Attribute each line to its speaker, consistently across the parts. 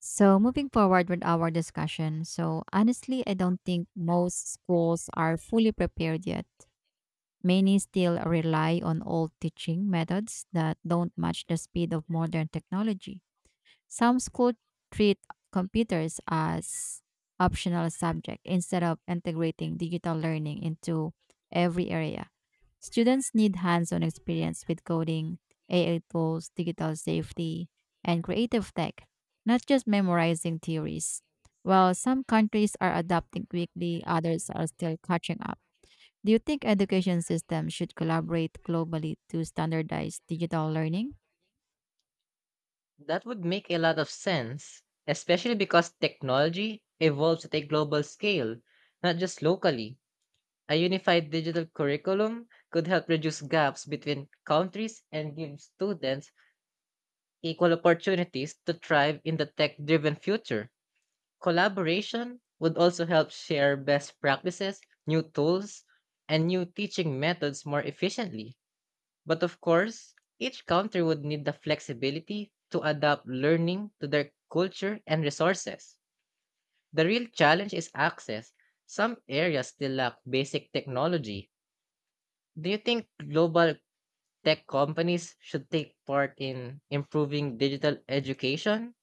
Speaker 1: So, moving forward with our discussion. So, honestly, I don't think most schools are fully prepared yet. Many still rely on old teaching methods that don't match the speed of modern technology. Some schools treat computers as optional subject instead of integrating digital learning into every area. Students need hands on experience with coding, AI tools, digital safety, and creative tech, not just memorizing theories. While some countries are adapting quickly, others are still catching up. Do you think education systems should collaborate globally to standardize digital learning?
Speaker 2: That would make a lot of sense, especially because technology evolves at a global scale, not just locally. A unified digital curriculum could help reduce gaps between countries and give students equal opportunities to thrive in the tech driven future. Collaboration would also help share best practices, new tools, and new teaching methods more efficiently. But of course, each country would need the flexibility to adapt learning to their culture and resources. The real challenge is access. Some areas still lack basic technology. Do you think global tech companies should take part in improving digital education?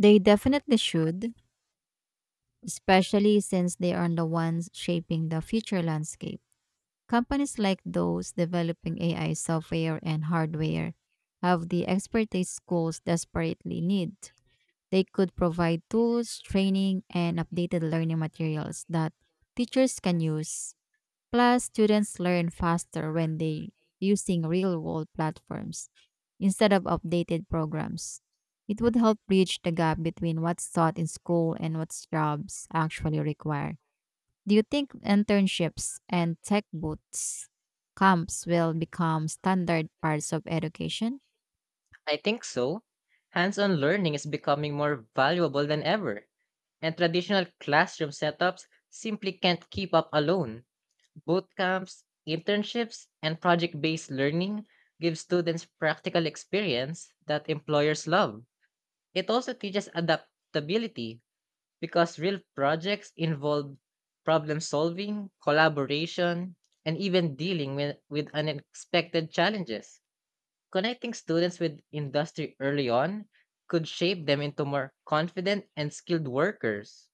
Speaker 1: They definitely should, especially since they are the ones shaping the future landscape. Companies like those developing AI software and hardware have the expertise schools desperately need. They could provide tools, training, and updated learning materials that teachers can use. Plus, students learn faster when they using real-world platforms instead of updated programs. It would help bridge the gap between what's taught in school and what jobs actually require. Do you think internships and tech boots camps will become standard parts of education?
Speaker 2: I think so. Hands on learning is becoming more valuable than ever, and traditional classroom setups simply can't keep up alone. Boot camps, internships, and project based learning give students practical experience that employers love. It also teaches adaptability because real projects involve problem solving, collaboration, and even dealing with unexpected challenges. Connecting students with industry early on could shape them into more confident and skilled workers.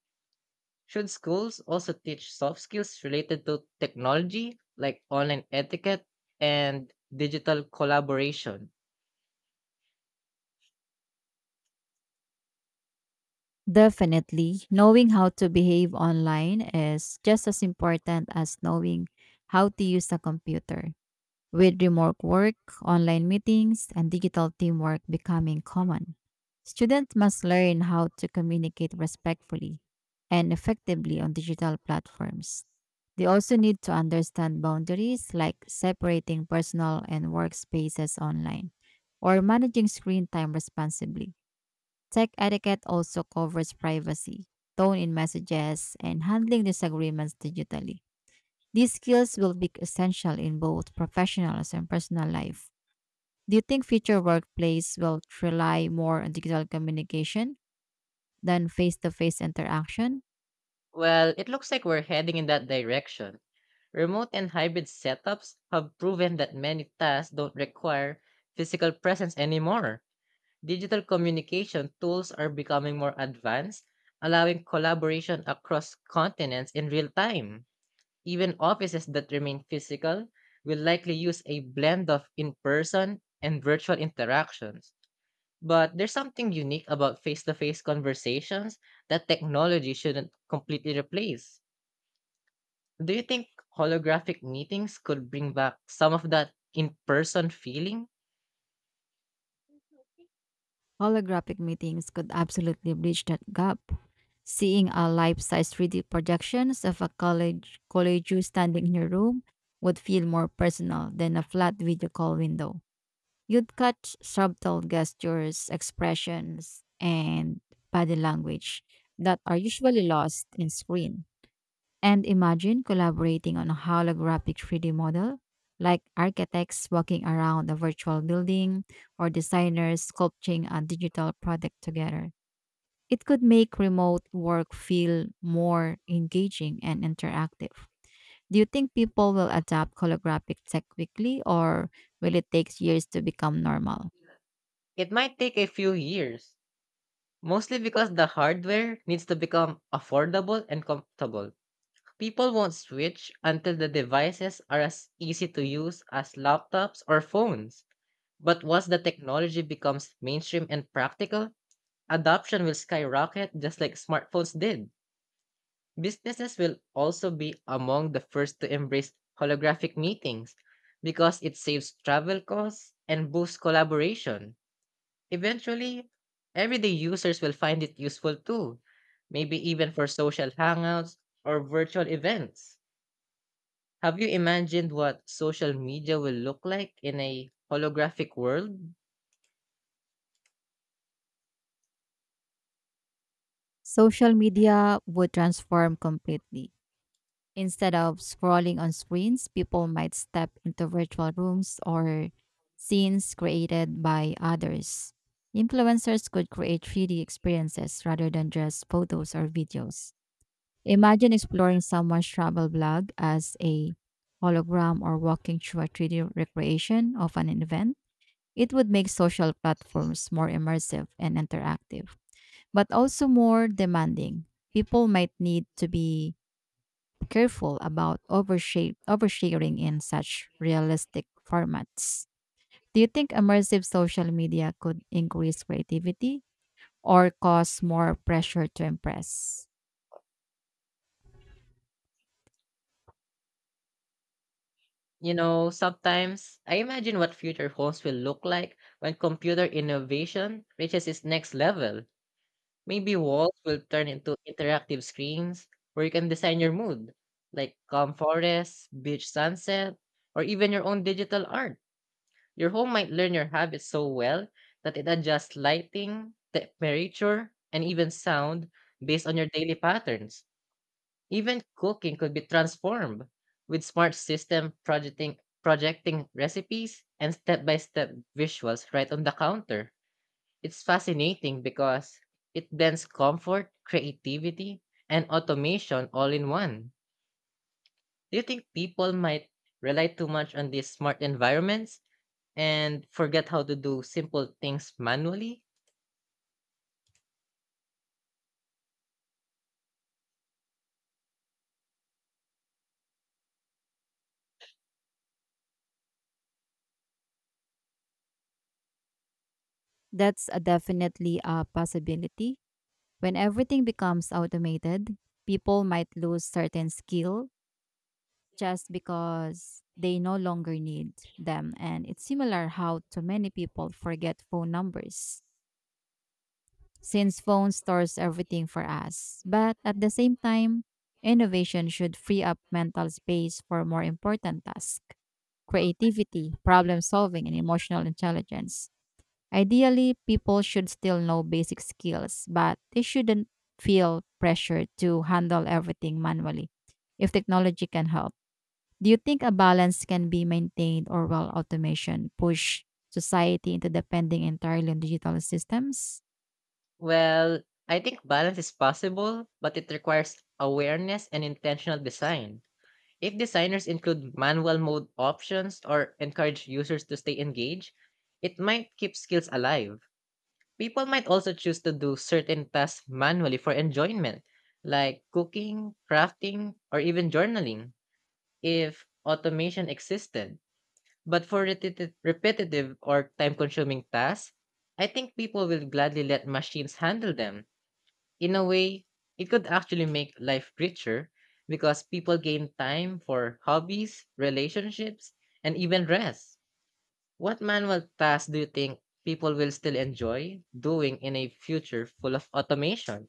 Speaker 2: Should schools also teach soft skills related to technology, like online etiquette and digital collaboration?
Speaker 1: Definitely. Knowing how to behave online is just as important as knowing how to use a computer. With remote work, online meetings, and digital teamwork becoming common, students must learn how to communicate respectfully and effectively on digital platforms. They also need to understand boundaries like separating personal and work spaces online or managing screen time responsibly. Tech etiquette also covers privacy, tone in messages, and handling disagreements digitally. These skills will be essential in both professional and personal life. Do you think future workplace will rely more on digital communication than face-to-face interaction?
Speaker 2: Well, it looks like we're heading in that direction. Remote and hybrid setups have proven that many tasks don't require physical presence anymore. Digital communication tools are becoming more advanced, allowing collaboration across continents in real time. Even offices that remain physical will likely use a blend of in person and virtual interactions. But there's something unique about face to face conversations that technology shouldn't completely replace. Do you think holographic meetings could bring back some of that in person feeling?
Speaker 1: Holographic meetings could absolutely bridge that gap. Seeing a life-size 3D projections of a college you standing in your room would feel more personal than a flat video call window. You'd catch subtle gestures, expressions, and body language that are usually lost in screen. And imagine collaborating on a holographic 3D model, like architects walking around a virtual building or designers sculpting a digital product together. It could make remote work feel more engaging and interactive. Do you think people will adopt holographic tech quickly or will it take years to become normal?
Speaker 2: It might take a few years, mostly because the hardware needs to become affordable and comfortable. People won't switch until the devices are as easy to use as laptops or phones. But once the technology becomes mainstream and practical, adoption will skyrocket just like smartphones did. Businesses will also be among the first to embrace holographic meetings because it saves travel costs and boosts collaboration. Eventually, everyday users will find it useful too, maybe even for social hangouts or virtual events. Have you imagined what social media will look like in a holographic world?
Speaker 1: Social media would transform completely. Instead of scrolling on screens, people might step into virtual rooms or scenes created by others. Influencers could create 3D experiences rather than just photos or videos. Imagine exploring someone's travel blog as a hologram or walking through a 3D recreation of an event. It would make social platforms more immersive and interactive but also more demanding. People might need to be careful about oversharing in such realistic formats. Do you think immersive social media could increase creativity or cause more pressure to impress?
Speaker 2: You know, sometimes I imagine what future homes will look like when computer innovation reaches its next level. Maybe walls will turn into interactive screens where you can design your mood, like calm forests, beach sunset, or even your own digital art. Your home might learn your habits so well that it adjusts lighting, temperature, and even sound based on your daily patterns. Even cooking could be transformed with smart system projecting recipes and step-by-step visuals right on the counter. It's fascinating because it blends comfort, creativity, and automation all in one. Do you think people might rely too much on these smart environments and forget how to do simple things manually?
Speaker 1: That's a definitely a possibility. When everything becomes automated, people might lose certain skill just because they no longer need them. And it's similar how too many people forget phone numbers since phone stores everything for us. But at the same time, innovation should free up mental space for more important tasks creativity, problem solving, and emotional intelligence. Ideally, people should still know basic skills, but they shouldn't feel pressure to handle everything manually if technology can help. Do you think a balance can be maintained or will automation push society into depending entirely on digital systems?
Speaker 2: Well, I think balance is possible, but it requires awareness and intentional design. If designers include manual mode options or encourage users to stay engaged, it might keep skills alive. People might also choose to do certain tasks manually for enjoyment, like cooking, crafting, or even journaling, if automation existed. But for repetitive or time consuming tasks, I think people will gladly let machines handle them in a way, it could actually make life richer because people gain time for hobbies, relationships, and even rest. What manual tasks do you think people will still enjoy doing in a future full of automation?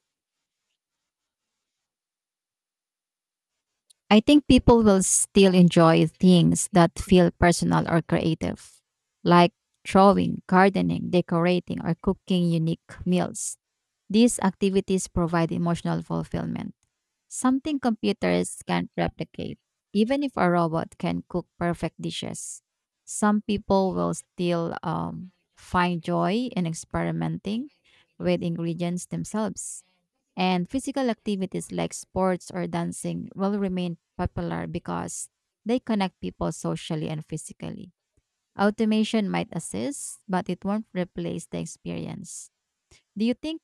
Speaker 1: I think people will still enjoy things that feel personal or creative, like drawing, gardening, decorating, or cooking unique meals. These activities provide emotional fulfillment. Something computers can't replicate. Even if a robot can cook perfect dishes, some people will still find joy in experimenting with ingredients themselves. And physical activities like sports or dancing will remain popular because they connect people socially and physically. Automation might assist, but it won't replace the experience. Do you think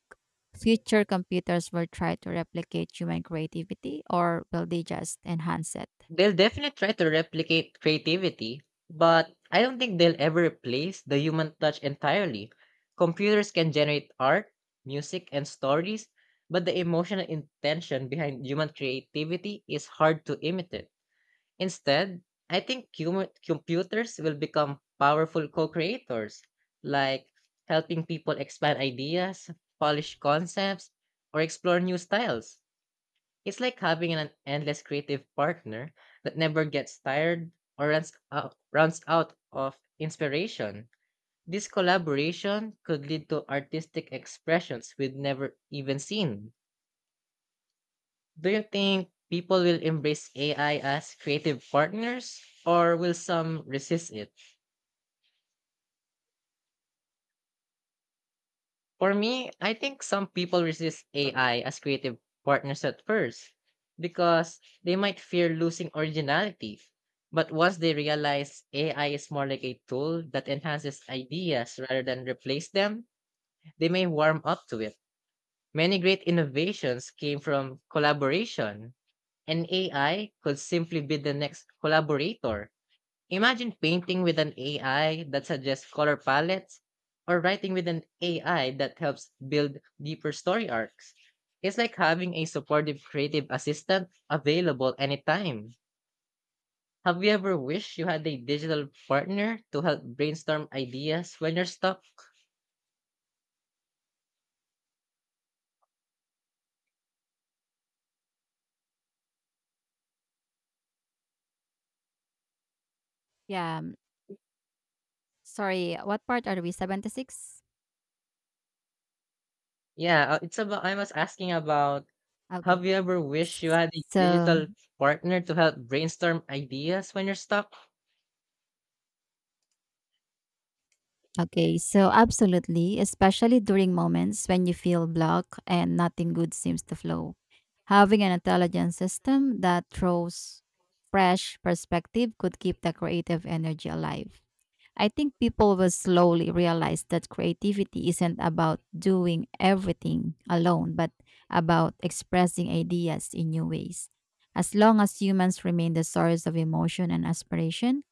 Speaker 1: future computers will try to replicate human creativity or will they just enhance it?
Speaker 2: They'll definitely try to replicate creativity, but I don't think they'll ever replace the human touch entirely. Computers can generate art, music, and stories, but the emotional intention behind human creativity is hard to imitate. Instead, I think computers will become powerful co creators, like helping people expand ideas, polish concepts, or explore new styles. It's like having an endless creative partner that never gets tired or runs out of inspiration. This collaboration could lead to artistic expressions we've never even seen. Do you think people will embrace AI as creative partners or will some resist it? For me, I think some people resist AI as creative partners at first because they might fear losing originality. But once they realize AI is more like a tool that enhances ideas rather than replace them, they may warm up to it. Many great innovations came from collaboration, and AI could simply be the next collaborator. Imagine painting with an AI that suggests color palettes or writing with an AI that helps build deeper story arcs. It's like having a supportive creative assistant available anytime. Have you ever wished you had a digital partner to help brainstorm ideas when you're stuck?
Speaker 1: Yeah. Sorry, what part are we? 76?
Speaker 2: Yeah, it's about I was asking about have
Speaker 1: Okay.
Speaker 2: you ever wished you had a
Speaker 1: So,
Speaker 2: digital partner to help brainstorm ideas when you're stuck?
Speaker 1: okay. So, absolutely, especially during moments when you feel blocked and nothing good seems to flow. Having an intelligent system that throws fresh perspective could keep the creative energy alive. I think people will slowly realize that creativity isn't about doing everything alone, but about expressing ideas in new ways. As long as humans remain the source of emotion and aspiration,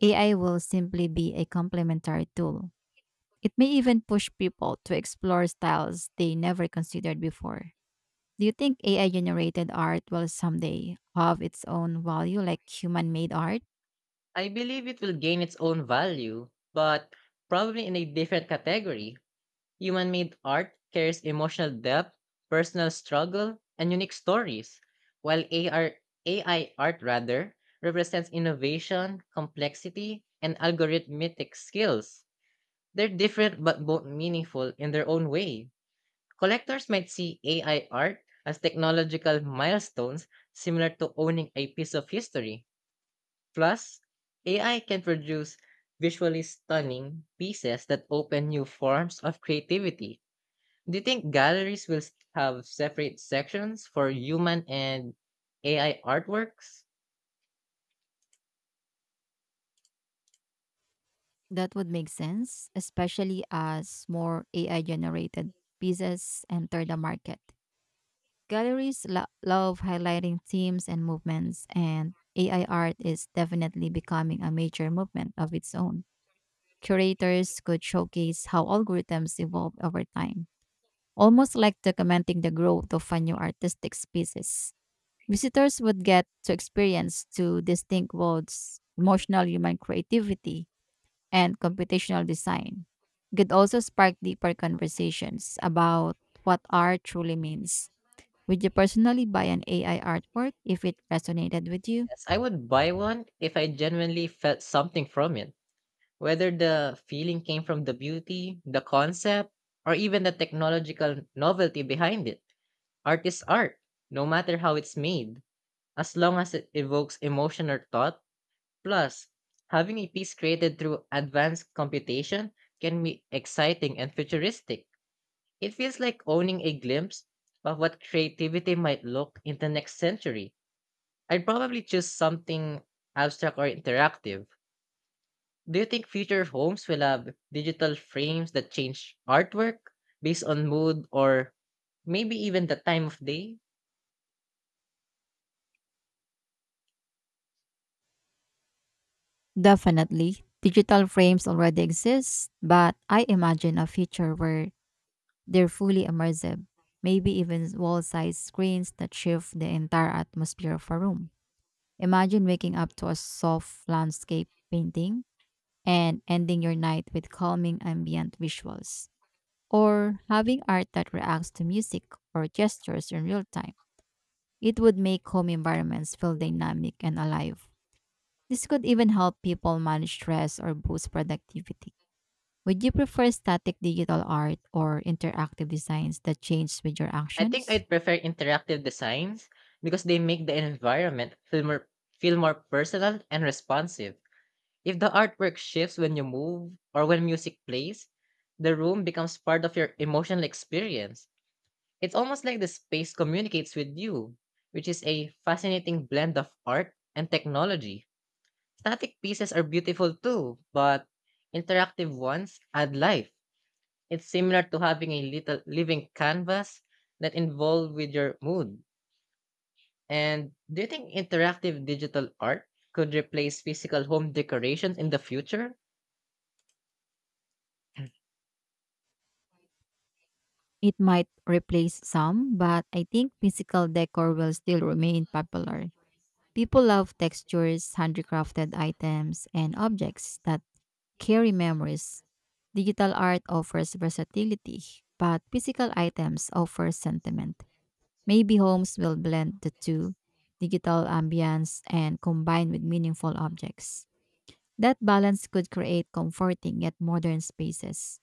Speaker 1: AI will simply be a complementary tool. It may even push people to explore styles they never considered before. Do you think AI generated art will someday have its own value like human made art?
Speaker 2: I believe it will gain its own value, but probably in a different category. Human made art carries emotional depth, personal struggle, and unique stories, while AI art rather represents innovation, complexity, and algorithmic skills. They're different but both meaningful in their own way. Collectors might see AI art as technological milestones similar to owning a piece of history. Plus, AI can produce visually stunning pieces that open new forms of creativity. Do you think galleries will have separate sections for human and AI artworks?
Speaker 1: That would make sense, especially as more AI generated pieces enter the market. Galleries love highlighting themes and movements, and AI art is definitely becoming a major movement of its own. Curators could showcase how algorithms evolve over time, almost like documenting the growth of a new artistic species. Visitors would get to experience two distinct worlds emotional human creativity and computational design could also spark deeper conversations about what art truly means. Would you personally buy an AI artwork if it resonated with you?
Speaker 2: Yes, I would buy one if I genuinely felt something from it, whether the feeling came from the beauty, the concept, or even the technological novelty behind it. Art is art, no matter how it's made, as long as it evokes emotion or thought. Plus, having a piece created through advanced computation can be exciting and futuristic. It feels like owning a glimpse of what creativity might look in the next century. I'd probably choose something abstract or interactive. Do you think future homes will have digital frames that change artwork based on mood or maybe even the time of day?
Speaker 1: Definitely. Digital frames already exist, but I imagine a future where they're fully immersive, maybe even wall sized screens that shift the entire atmosphere of a room. Imagine waking up to a soft landscape painting and ending your night with calming ambient visuals, or having art that reacts to music or gestures in real time. It would make home environments feel dynamic and alive. This could even help people manage stress or boost productivity. Would you prefer static digital art or interactive designs that change with your
Speaker 2: I think
Speaker 1: actions?
Speaker 2: I'd prefer interactive designs because they make the environment feel more personal and responsive. If the artwork shifts when you move or when music plays, the room becomes part of your emotional experience. It's almost like the space communicates with you, which is a fascinating blend of art and technology. Static pieces are beautiful too, but interactive ones add life. It's similar to having a little living canvas that involved with your mood. And do you think interactive digital art could replace physical home decorations in the future?
Speaker 1: It might replace some, but I think physical decor will still remain popular. People love textures, handcrafted items, and objects that carry memories. Digital art offers versatility, but physical items offer sentiment. Maybe homes will blend the two, digital ambience and combine with meaningful objects. That balance could create comforting yet modern spaces.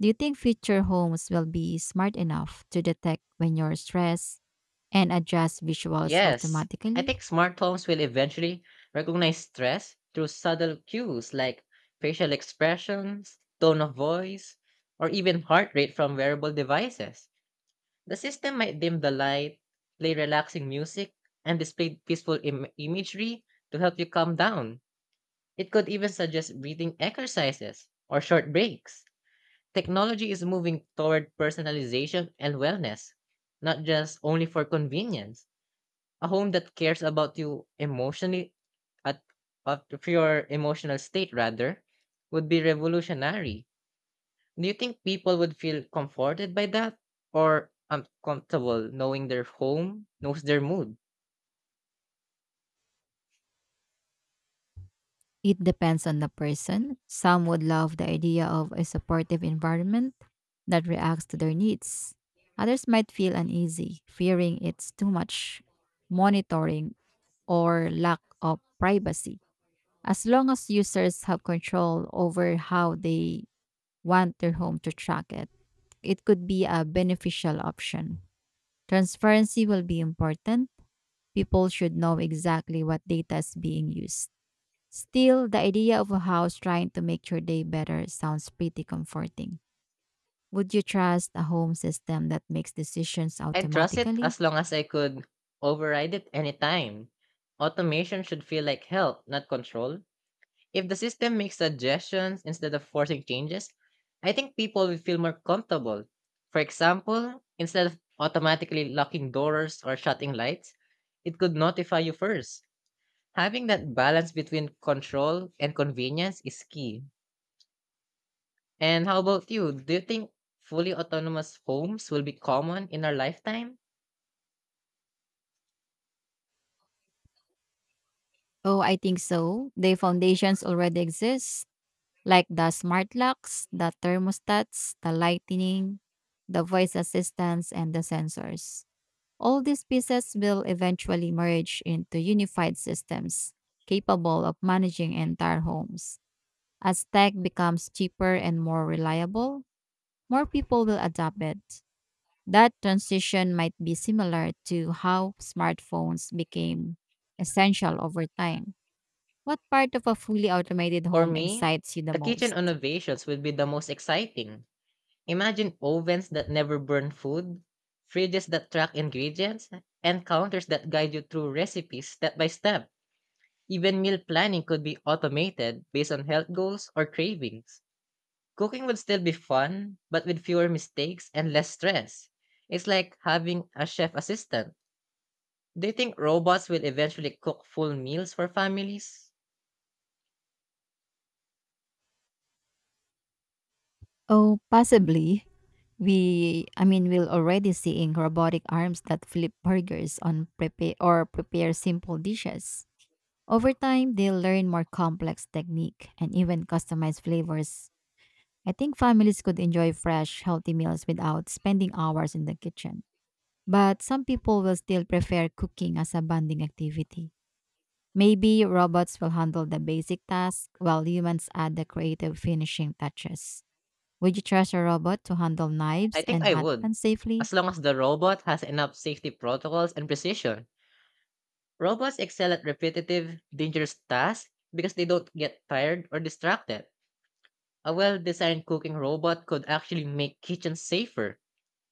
Speaker 1: Do you think future homes will be smart enough to detect when you're stressed and adjust visuals
Speaker 2: Yes, I
Speaker 1: automatically?
Speaker 2: think smart homes will eventually recognize stress through subtle cues like facial expressions, tone of voice, or even heart rate from wearable devices. The system might dim the light, play relaxing music, and display peaceful imagery to help you calm down. It could even suggest breathing exercises or short breaks. Technology is moving toward personalization and wellness, not just only for convenience. A home that cares about you emotionally at at of your emotional state rather would be revolutionary. Do you think people would feel comforted by that or uncomfortable knowing their home knows their mood?
Speaker 1: It depends on the person. Some would love the idea of a supportive environment that reacts to their needs. Others might feel uneasy, fearing it's too much monitoring or lack of privacy. As long as users have control over how they want their home to track it, it could be a beneficial option. Transparency will be important. People should know exactly what data is being used. Still, the idea of a house trying to make your day better sounds pretty comforting. Would you trust a home system that makes decisions
Speaker 2: I'd trust it
Speaker 1: automatically?
Speaker 2: as long as I could override it anytime. Automation should feel like help, not control. If the system makes suggestions instead of forcing changes, I think people will feel more comfortable. For example, instead of automatically locking doors or shutting lights, it could notify you first. Having that balance between control and convenience is key. And how about you? Do you think fully autonomous homes will be common in our lifetime?
Speaker 1: Oh, I think so. The foundations already exist, like the smart locks, the thermostats, the lighting, the voice assistants, and the sensors. All these pieces will eventually merge into unified systems capable of managing entire homes. As tech becomes cheaper and more reliable, more people will adopt it. That transition might be similar to how smartphones became essential over time. What part of a fully automated
Speaker 2: For
Speaker 1: home
Speaker 2: me,
Speaker 1: excites you the
Speaker 2: the kitchen
Speaker 1: most?
Speaker 2: innovations will be the most exciting. Imagine ovens that never burn food, fridges that track ingredients, and counters that guide you through recipes step by step. Even meal planning could be automated based on health goals or cravings. Cooking would still be fun, but with fewer mistakes and less stress. It's like having a chef assistant. Do you think robots will eventually cook full meals for families?
Speaker 1: Oh, possibly. We, I mean, we're already seeing robotic arms that flip burgers on prepare simple dishes. Over time, they'll learn more complex technique and even customized flavors. I think families could enjoy fresh, healthy meals without spending hours in the kitchen. But some people will still prefer cooking as a bonding activity. Maybe robots will handle the basic tasks while humans add the creative finishing touches. Would you trust a robot to handle
Speaker 2: I
Speaker 1: knives
Speaker 2: think
Speaker 1: and
Speaker 2: I
Speaker 1: hot
Speaker 2: would,
Speaker 1: pans safely?
Speaker 2: as long as the robot has enough safety protocols and precision. Robots excel at repetitive, dangerous tasks because they don't get tired or distracted. A well designed cooking robot could actually make kitchens safer.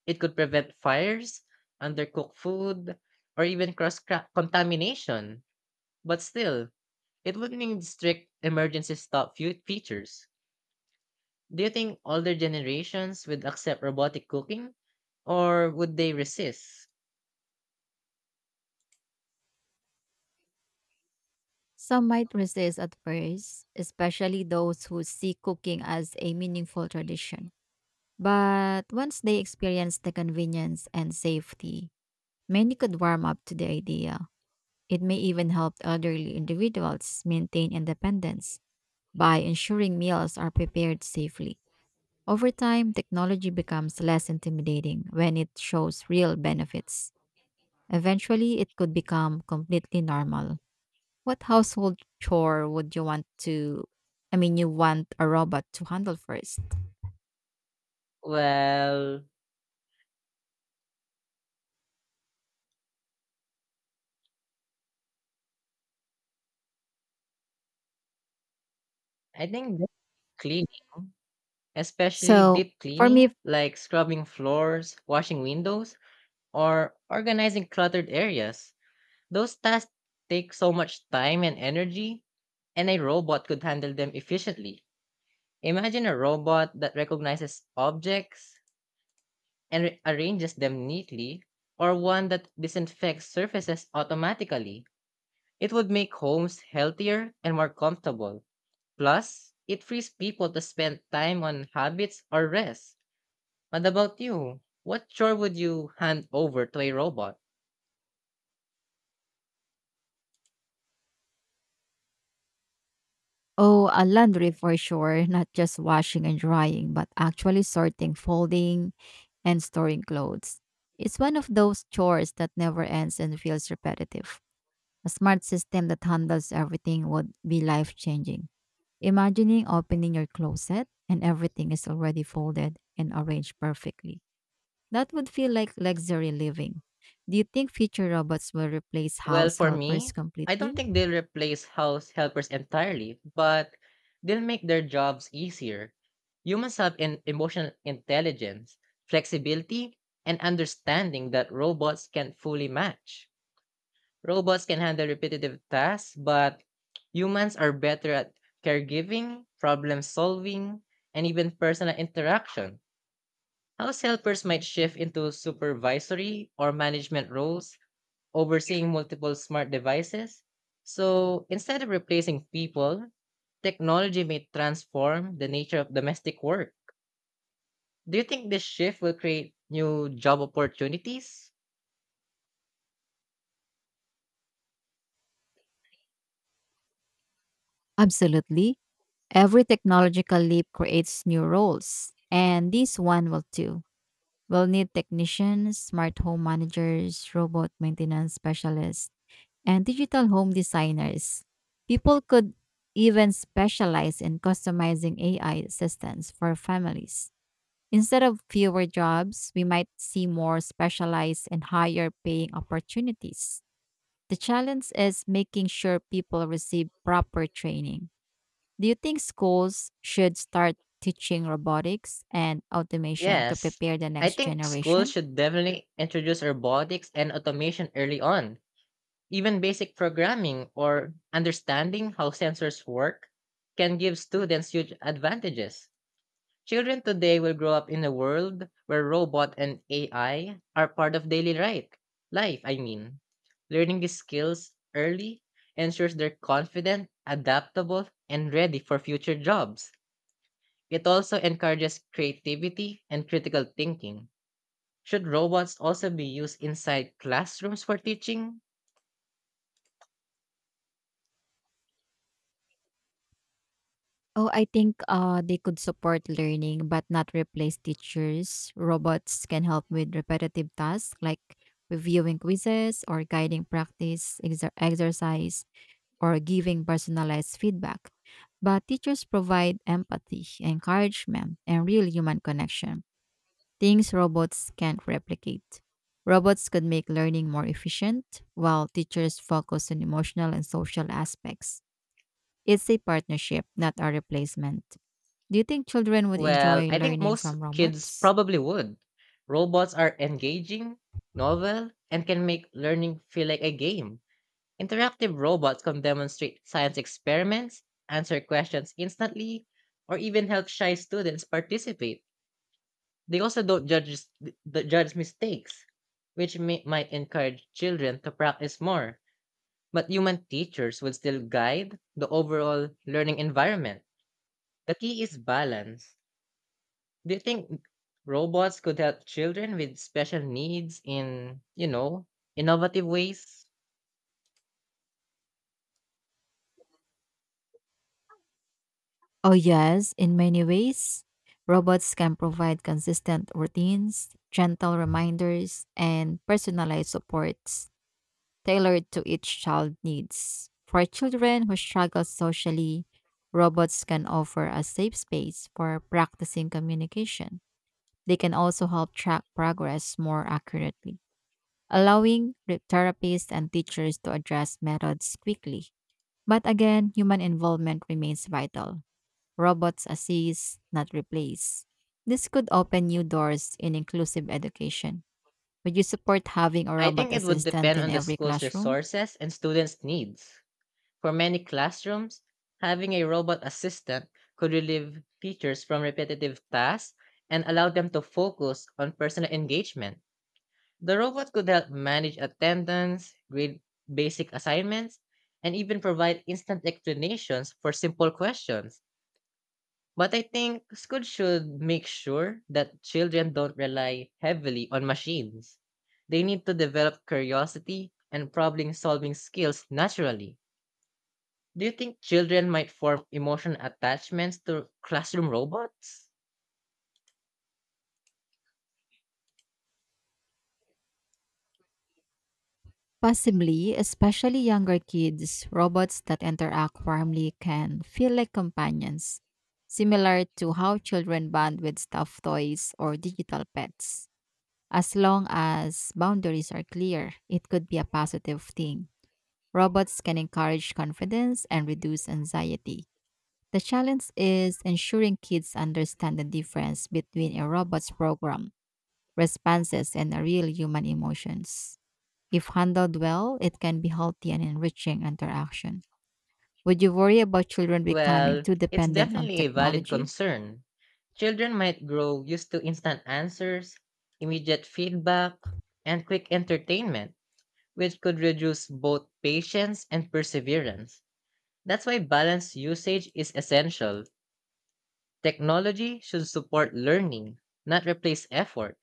Speaker 2: It could prevent fires, undercooked food, or even contamination. But still, it would need strict emergency stop features. Do you think older generations would accept robotic cooking or would they resist?
Speaker 1: Some might resist at first, especially those who see cooking as a meaningful tradition. But once they experience the convenience and safety, many could warm up to the idea. It may even help elderly individuals maintain independence by ensuring meals are prepared safely. Over time, technology becomes less intimidating when it shows real benefits. Eventually, it could become completely normal. What household chore would you want to, I mean, you want a robot to handle first?
Speaker 2: Well, I think that's clear, especially
Speaker 1: So,
Speaker 2: deep
Speaker 1: for me,
Speaker 2: cleaning like scrubbing floors, washing windows, or organizing cluttered areas. Those tasks take so much time and energy, and a robot could handle them efficiently. Imagine a robot that recognizes objects and arranges them neatly, or one that disinfects surfaces automatically. It would make homes healthier and more comfortable. Plus, it frees people to spend time on habits or rest. What about you? What chore would you hand over to a robot?
Speaker 1: oh, a laundry for sure, not just washing and drying, but actually sorting, folding, and storing clothes. It's one of those chores that never ends and feels repetitive. A smart system that handles everything would be life changing. Imagining opening your closet and everything is already folded and arranged perfectly. That would feel like luxury living. Do you think future robots will replace
Speaker 2: Well,
Speaker 1: house
Speaker 2: for
Speaker 1: helpers
Speaker 2: me, I don't
Speaker 1: completely?
Speaker 2: think they'll replace house helpers entirely, but they'll make their jobs easier. Humans have an emotional intelligence, flexibility, and understanding that robots can fully match. Robots can handle repetitive tasks, but humans are better at caregiving, problem solving, and even personal interaction. House helpers might shift into supervisory or management roles, overseeing multiple smart devices. So instead of replacing people, technology may transform the nature of domestic work. Do you think this shift will create new job opportunities?
Speaker 1: Absolutely. Every technological leap creates new roles, and this one will too. We'll need technicians, smart home managers, robot maintenance specialists, and digital home designers. People could even specialize in customizing AI assistants for families. Instead of fewer jobs, we might see more specialized and higher paying opportunities. The challenge is making sure people receive proper training. Do you think schools should start teaching robotics and automation to
Speaker 2: Yes.
Speaker 1: prepare the
Speaker 2: I
Speaker 1: next
Speaker 2: think schools
Speaker 1: generation?
Speaker 2: should definitely introduce robotics and automation early on. Even basic programming or understanding how sensors work can give students huge advantages. Children today will grow up in a world where robot and AI are part of daily right life, I mean. Learning these skills early ensures they're confident, adaptable, and ready for future jobs. It also encourages creativity and critical thinking. Should robots also be used inside classrooms for teaching?
Speaker 1: Oh, I think they could support learning but not replace teachers. Robots can help with repetitive tasks like reviewing quizzes or guiding practice exercise or giving personalized feedback. But teachers provide empathy, encouragement, and real human connection, things robots can't replicate. Robots could make learning more efficient while teachers focus on emotional and social aspects. It's a partnership, not a replacement. Do you think children would
Speaker 2: Well,
Speaker 1: enjoy
Speaker 2: I think
Speaker 1: learning
Speaker 2: most
Speaker 1: from
Speaker 2: kids
Speaker 1: robots?
Speaker 2: probably would. Robots are engaging, novel, and can make learning feel like a game. Interactive robots can demonstrate science experiments, answer questions instantly, or even help shy students participate. They also don't judge mistakes, which might encourage children to practice more. But human teachers would still guide the overall learning environment. The key is balance. Do you think robots could help children with special needs in, you know, innovative ways?
Speaker 1: Oh, yes, in many ways. Robots can provide consistent routines, gentle reminders, and personalized supports tailored to each child's needs. For children who struggle socially, robots can offer a safe space for practicing communication. They can also help track progress more accurately, allowing therapists and teachers to adjust methods quickly. But again, human involvement remains vital. Robots assist, not replace. This could open new doors in inclusive education. Would you support having a
Speaker 2: I
Speaker 1: robot
Speaker 2: think it would
Speaker 1: assistant
Speaker 2: depend
Speaker 1: in
Speaker 2: on the
Speaker 1: every
Speaker 2: school's
Speaker 1: classroom?
Speaker 2: resources and students' needs. For many classrooms, having a robot assistant could relieve teachers from repetitive tasks and allow them to focus on personal engagement. The robot could help manage attendance, grade basic assignments, and even provide instant explanations for simple questions. But I think schools should make sure that children don't rely heavily on machines. They need to develop curiosity and problem solving skills naturally. Do you think children might form emotional attachments to classroom robots?
Speaker 1: Possibly, especially younger kids, robots that interact warmly can feel like companions, similar to how children bond with stuffed toys or digital pets. As long as boundaries are clear, it could be a positive thing. Robots can encourage confidence and reduce anxiety. The challenge is ensuring kids understand the difference between a robot's program, responses, and a real human emotions. If handled well, it can be healthy and enriching interaction. Would you worry about children becoming
Speaker 2: Well,
Speaker 1: too
Speaker 2: it's
Speaker 1: dependent on
Speaker 2: definitely a valid
Speaker 1: technology?
Speaker 2: concern. Children might grow used to instant answers, immediate feedback, and quick entertainment, which could reduce both patience and perseverance. That's why balanced usage is essential. Technology should support learning, not replace effort.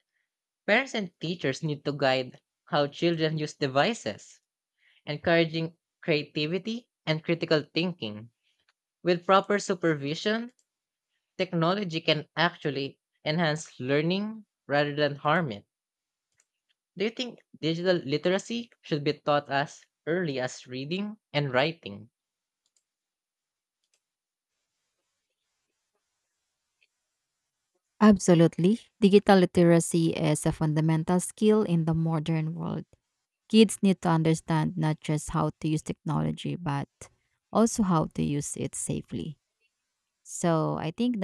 Speaker 2: Parents and teachers need to guide how children use devices, encouraging creativity and critical thinking. With proper supervision, technology can actually enhance learning rather than harm it. Do you think digital literacy should be taught as early as reading and writing?
Speaker 1: Absolutely. Digital literacy is a fundamental skill in the modern world. Kids need to understand not just how to use technology, but also how to use it safely. So I think